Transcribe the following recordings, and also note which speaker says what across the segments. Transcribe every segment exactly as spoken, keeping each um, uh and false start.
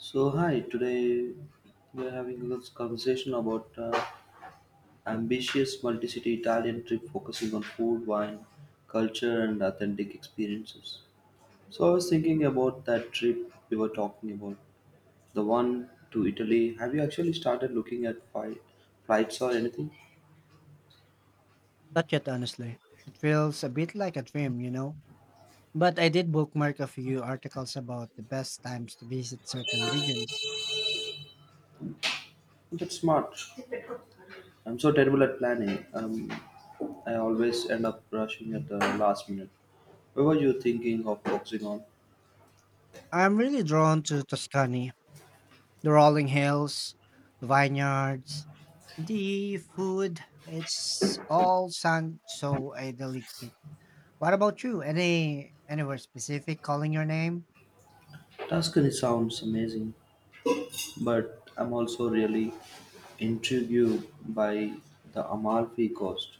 Speaker 1: So hi, today we are having a conversation about uh, ambitious multi-city Italian trip focusing on food, wine, culture, and authentic experiences. So I was thinking about that trip we were talking about, the one to Italy. Have you actually started looking at flight, flights or anything?
Speaker 2: Not yet, honestly. It feels a bit like a dream, you know? But I did bookmark a few articles about the best times to visit certain regions.
Speaker 1: That's smart. I'm so terrible at planning. Um, I always end up rushing at the last minute. What were you thinking of focusing on?
Speaker 2: I'm really drawn to Tuscany, the rolling hills, the vineyards, the food. It's all sound so idyllic. What about you? Any anywhere specific calling your name?
Speaker 1: Tuscany sounds amazing. But I'm also really intrigued by the Amalfi Coast.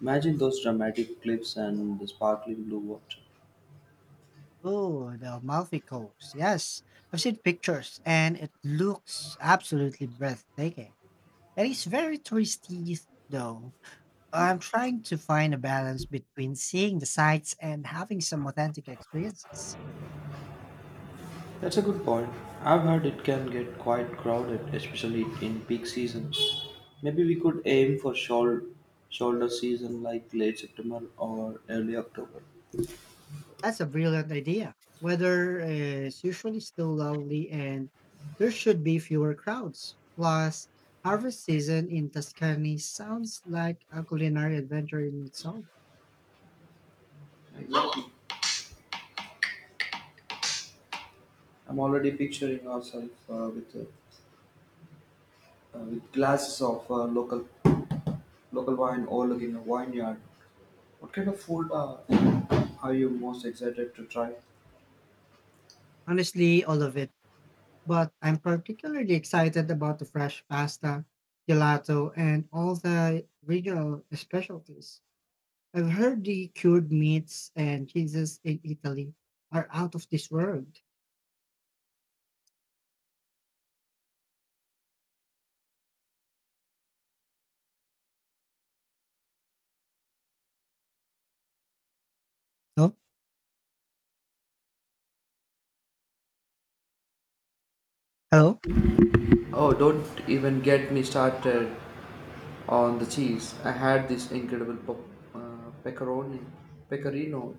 Speaker 1: Imagine those dramatic cliffs and the sparkling blue water.
Speaker 2: Oh, the Amalfi Coast. Yes, I've seen pictures and it looks absolutely breathtaking. It is very touristy, though. I'm trying to find a balance between seeing the sights and having some authentic experiences.
Speaker 1: That's a good point. I've heard it can get quite crowded, especially in peak season. Maybe we could aim for shoulder, shoulder season like late September or early October.
Speaker 2: That's a brilliant idea. Weather uh, is usually still lovely and there should be fewer crowds. Plus, harvest season in Tuscany sounds like a culinary adventure in itself.
Speaker 1: I'm already picturing ourselves uh, with, uh, uh, with glasses of uh, local local wine overlooking a vineyard. What kind of food uh, are you most excited to try?
Speaker 2: Honestly, all of it. But I'm particularly excited about the fresh pasta, gelato, and all the regional specialties. I've heard the cured meats and cheeses in Italy are out of this world. Oh, hello.
Speaker 1: Oh, don't even get me started on the cheese. I had this incredible po- uh, pecoroni, pecorino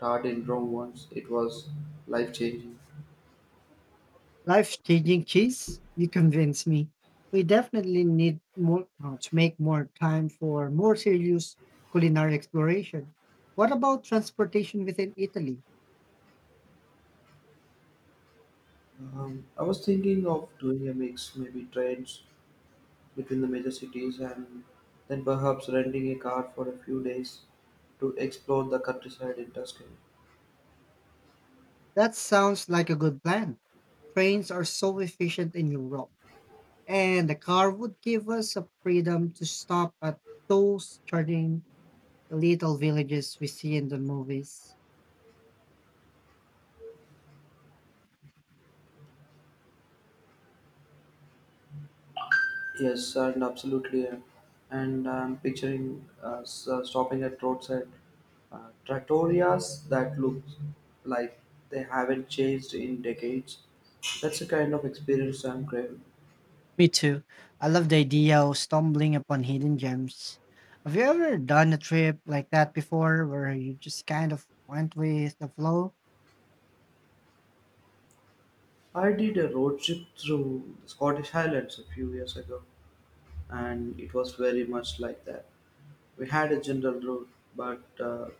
Speaker 1: tart in Rome once. It was life changing.
Speaker 2: Life changing cheese? You convince me. We definitely need more uh, to make more time for more serious culinary exploration. What about transportation within Italy?
Speaker 1: Um, I was thinking of doing a mix, maybe trains between the major cities and then perhaps renting a car for a few days to explore the countryside in Tuscany.
Speaker 2: That sounds like a good plan. Trains are so efficient in Europe, and the car would give us a freedom to stop at those charming little villages we see in the movies.
Speaker 1: Yes, and absolutely. uh, And I'm picturing uh, s- uh, stopping at roadside uh, trattorias that look like they haven't changed in decades. That's the kind of experience I'm craving.
Speaker 2: Me too. I love the idea of stumbling upon hidden gems. Have you ever done a trip like that before where you just kind of went with the flow?
Speaker 1: I did a road trip through the Scottish Highlands a few years ago, and it was very much like that. We had a general route, but uh,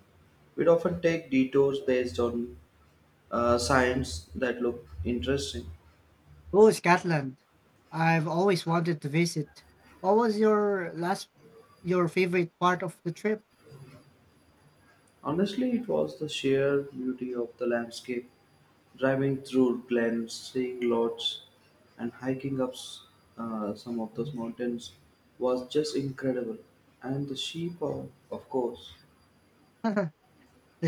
Speaker 1: we'd often take detours based on uh, signs that look interesting.
Speaker 2: Oh, Scotland. I've always wanted to visit. What was your last your favorite part of the trip?
Speaker 1: Honestly, it was the sheer beauty of the landscape, driving through glens, seeing lodges, and hiking up uh, some of those mountains was just incredible. And the sheep, of, of course.
Speaker 2: The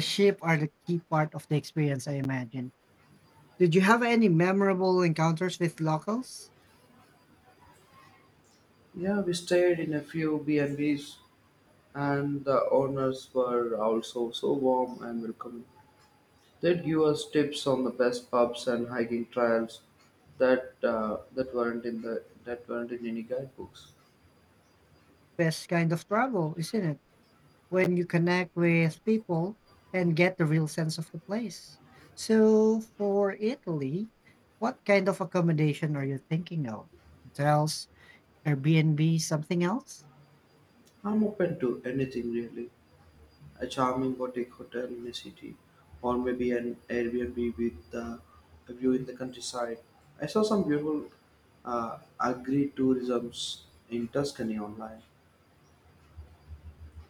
Speaker 2: sheep are the key part of the experience, I imagine. Did you have any memorable encounters with locals?
Speaker 1: Yeah, we stayed in a few B&Bs, and Bs, and the owners were also so warm and welcoming. They gave us tips on the best pubs and hiking trails that uh, that weren't in the that weren't in any guidebooks.
Speaker 2: Best kind of travel, isn't it? When you connect with people and get the real sense of the place. So, for Italy, what kind of accommodation are you thinking of? Hotels, Airbnb, something else?
Speaker 1: I'm open to anything really. A charming boutique hotel in a city, or maybe an Airbnb with uh, a view in the countryside. I saw some beautiful uh, agri-tourisms in Tuscany online,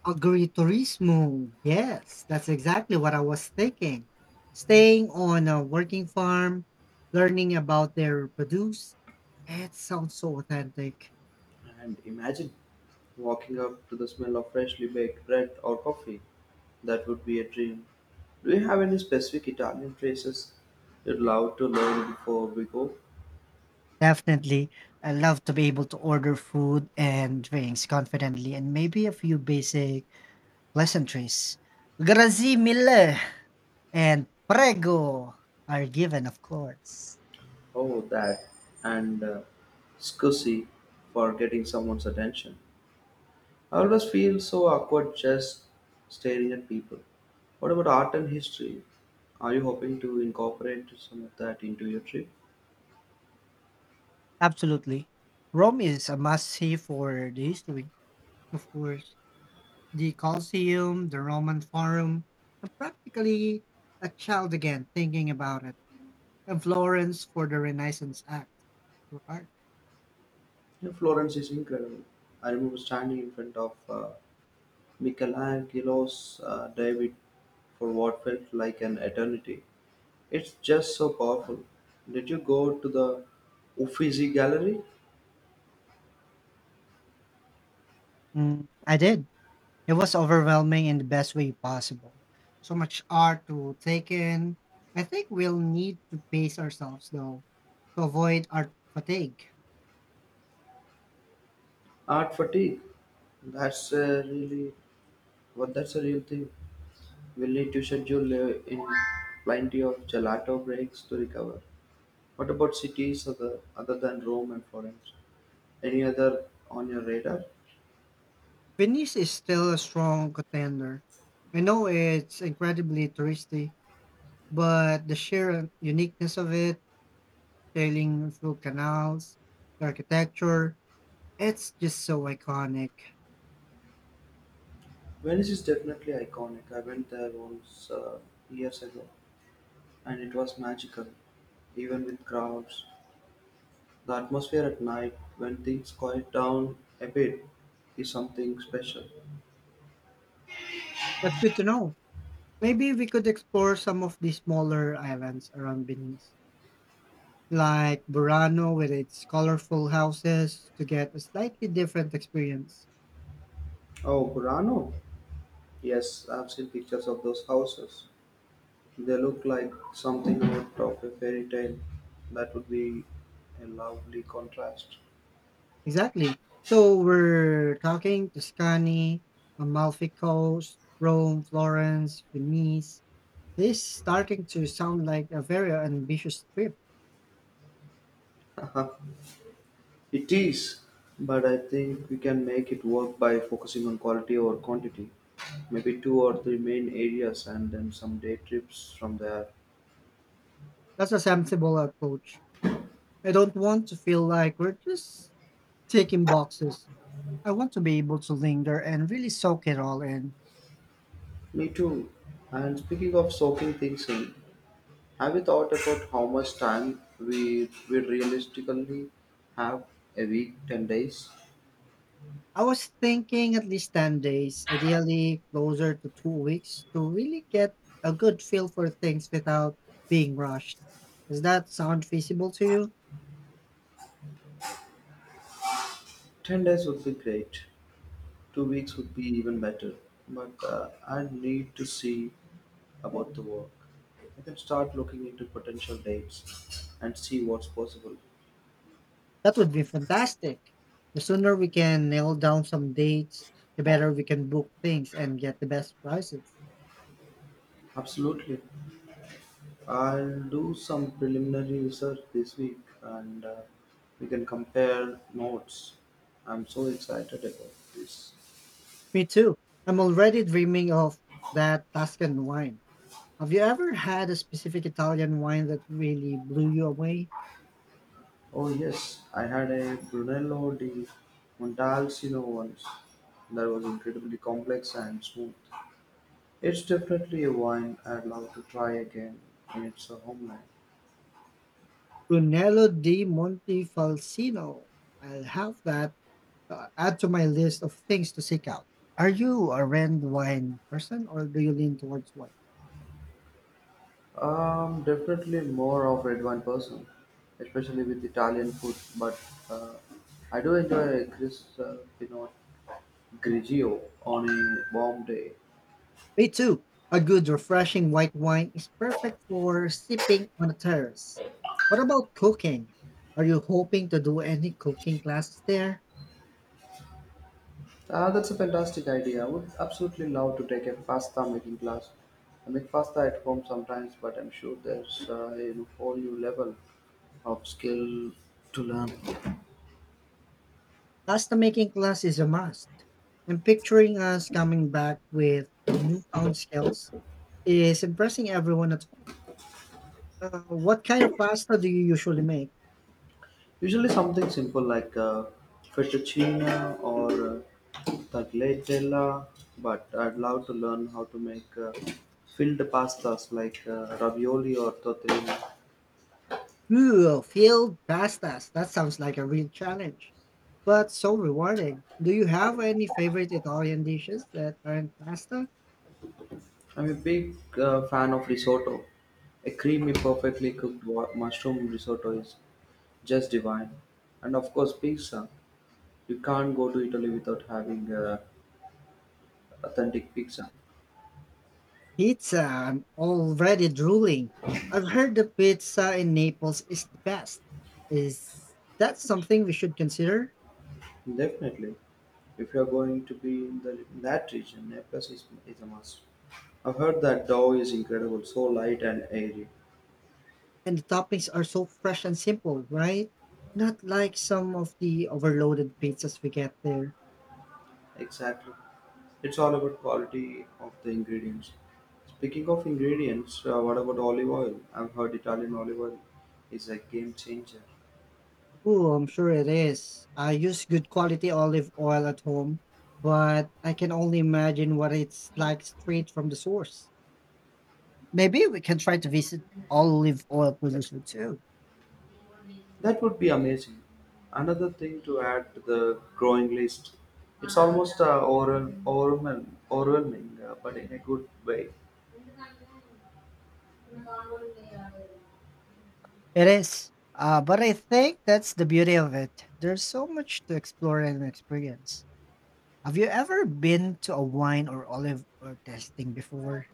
Speaker 2: Agriturismo. Yes, that's exactly what I was thinking. Staying on a working farm, learning about their produce. It sounds so authentic.
Speaker 1: and imagine walking up to the smell of freshly baked bread or coffee. That would be a dream. Do you have any specific Italian places you'd love to learn before we go?
Speaker 2: Definitely. I love to be able to order food and drinks confidently and maybe a few basic pleasantries. Grazie mille and prego are given, of course.
Speaker 1: Oh, that and uh, scusi for getting someone's attention. I always feel so awkward just staring at people. What about art and history? Are you hoping to incorporate some of that into your trip?
Speaker 2: Absolutely. Rome is a must see for the history, of course. The Colosseum, the Roman Forum. I'm practically a child again thinking about it. And Florence for the Renaissance Act. Right.
Speaker 1: Yeah, Florence is incredible. I remember standing in front of uh, Michelangelo's uh, David for what felt like an eternity. It's just so powerful. Did you go to the Uffizi Gallery?
Speaker 2: Mm, I did. It was overwhelming in the best way possible. So much art to take in. I think we'll need to pace ourselves though to avoid art fatigue.
Speaker 1: Art fatigue. That's uh, really what that's a real thing. We'll need to schedule uh, in plenty of gelato breaks to recover. What about cities other, other than Rome and Florence? Any other on your radar?
Speaker 2: Venice is still a strong contender. I know it's incredibly touristy, but the sheer uniqueness of it, sailing through canals, the architecture, it's just so iconic.
Speaker 1: Venice is definitely iconic. I went there once uh, years ago and it was magical, even with crowds. The atmosphere at night, when things quiet down a bit, is something special.
Speaker 2: That's good to know. Maybe we could explore some of the smaller islands around Venice, like Burano with its colorful houses, to get a slightly different experience.
Speaker 1: Oh, Burano! Yes, I've seen pictures of those houses. They look like something out of a fairy tale. That would be a lovely contrast.
Speaker 2: Exactly. So we're talking Tuscany, Amalfi Coast, Rome, Florence, Venice. This is starting to sound like a very ambitious trip.
Speaker 1: It is, but I think we can make it work by focusing on quality over quantity. Maybe two or three main areas and then some day trips from there.
Speaker 2: That's a sensible approach. I don't want to feel like we're just ticking boxes. I want to be able to linger and really soak it all in.
Speaker 1: Me too. And speaking of soaking things in, have you thought about how much time we will realistically have, a week, ten days?
Speaker 2: I was thinking at least ten days, ideally closer to two weeks, to really get a good feel for things without being rushed. Does that sound feasible to you?
Speaker 1: ten days would be great. Two weeks would be even better. But uh, I need to see about the work. I can start looking into potential dates and see what's possible.
Speaker 2: That would be fantastic. The sooner we can nail down some dates, the better we can book things and get the best prices.
Speaker 1: Absolutely. I'll do some preliminary research this week and uh, we can compare notes. I'm so excited about this.
Speaker 2: Me too. I'm already dreaming of that Tuscan wine. Have you ever had a specific Italian wine that really blew you away?
Speaker 1: Oh, yes, I had a Brunello di Montalcino once that was incredibly complex and smooth. It's definitely a wine I'd love to try again in its homeland.
Speaker 2: Brunello di Montefalcino. I'll have that uh, add to my list of things to seek out. Are you a red wine person or do you lean towards white?
Speaker 1: Um, definitely more of red wine person, especially with Italian food. But uh, I do enjoy a crisp uh, Pinot Grigio on a warm day.
Speaker 2: Me too. A good, refreshing white wine is perfect for sipping on a terrace. What about cooking? Are you hoping to do any cooking classes there?
Speaker 1: Uh, that's a fantastic idea. I would absolutely love to take a pasta making class. I make pasta at home sometimes, but I'm sure there's uh, a whole new level of skill to learn.
Speaker 2: Pasta making class is a must. And picturing us coming back with newfound skills is impressing everyone at home. Uh, what kind of pasta do you usually make?
Speaker 1: Usually something simple like uh, fettuccine or uh, tagliatella, but I'd love to learn how to make uh, filled pastas like uh, ravioli or tortellini.
Speaker 2: Ooh, field pastas. That sounds like a real challenge, but so rewarding. Do you have any favorite Italian dishes that aren't pasta?
Speaker 1: I'm a big uh, fan of risotto. A creamy, perfectly cooked wa- mushroom risotto is just divine. And of course, pizza. You can't go to Italy without having uh, authentic pizza.
Speaker 2: Pizza, I'm already drooling. I've heard the pizza in Naples is the best. Is that something we should consider?
Speaker 1: Definitely. If you're going to be in, the, in that region, Naples is, is a must. I've heard that Dow is incredible, so light and airy.
Speaker 2: And the toppings are so fresh and simple, right? Not like some of the overloaded pizzas we get there.
Speaker 1: Exactly. It's all about quality of the ingredients. Speaking of ingredients, uh, what about olive oil? I've heard Italian olive oil is a game changer.
Speaker 2: Oh, I'm sure it is. I use good quality olive oil at home, but I can only imagine what it's like straight from the source. Maybe we can try to visit olive oil producer too.
Speaker 1: That would be amazing. Another thing to add to the growing list. It's almost uh, overwhel- overwhelming, overwhelming uh, but in a good way.
Speaker 2: It is. Uh, but I think that's the beauty of it. There's so much to explore and experience. Have you ever been to a wine or olive or tasting before?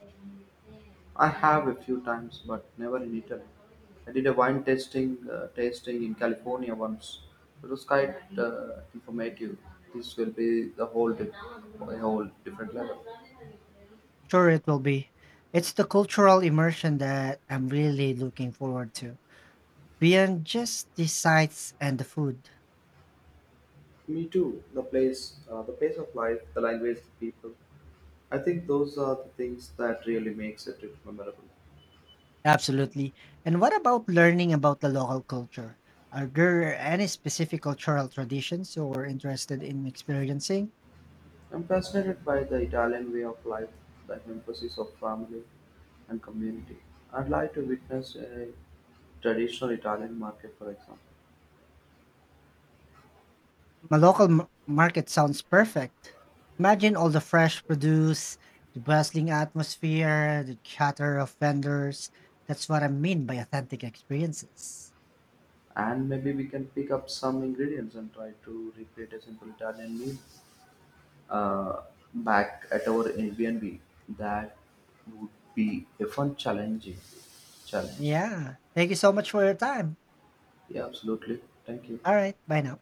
Speaker 1: I have a few times, but never in Italy. I did a wine tasting uh, tasting in California once. It was quite uh, informative. This will be the whole di- a whole different level.
Speaker 2: Sure, it will be. It's the cultural immersion that I'm really looking forward to, beyond just the sights and the food.
Speaker 1: Me too. The place, uh, the pace of life, the language, the people. I think those are the things that really makes a trip memorable.
Speaker 2: Absolutely. And what about learning about the local culture? Are there any specific cultural traditions you're interested in experiencing?
Speaker 1: I'm fascinated by the Italian way of life, the emphasis of family and community. I'd like to witness a traditional Italian market, for example.
Speaker 2: My local m- market sounds perfect. Imagine all the fresh produce, the bustling atmosphere, the chatter of vendors. That's what I mean by authentic experiences.
Speaker 1: And maybe we can pick up some ingredients and try to recreate a simple Italian meal uh, back at our Airbnb. That would be a fun challenging challenge.
Speaker 2: Yeah. Thank you so much for your time.
Speaker 1: Yeah, absolutely. Thank you.
Speaker 2: All right. Bye now.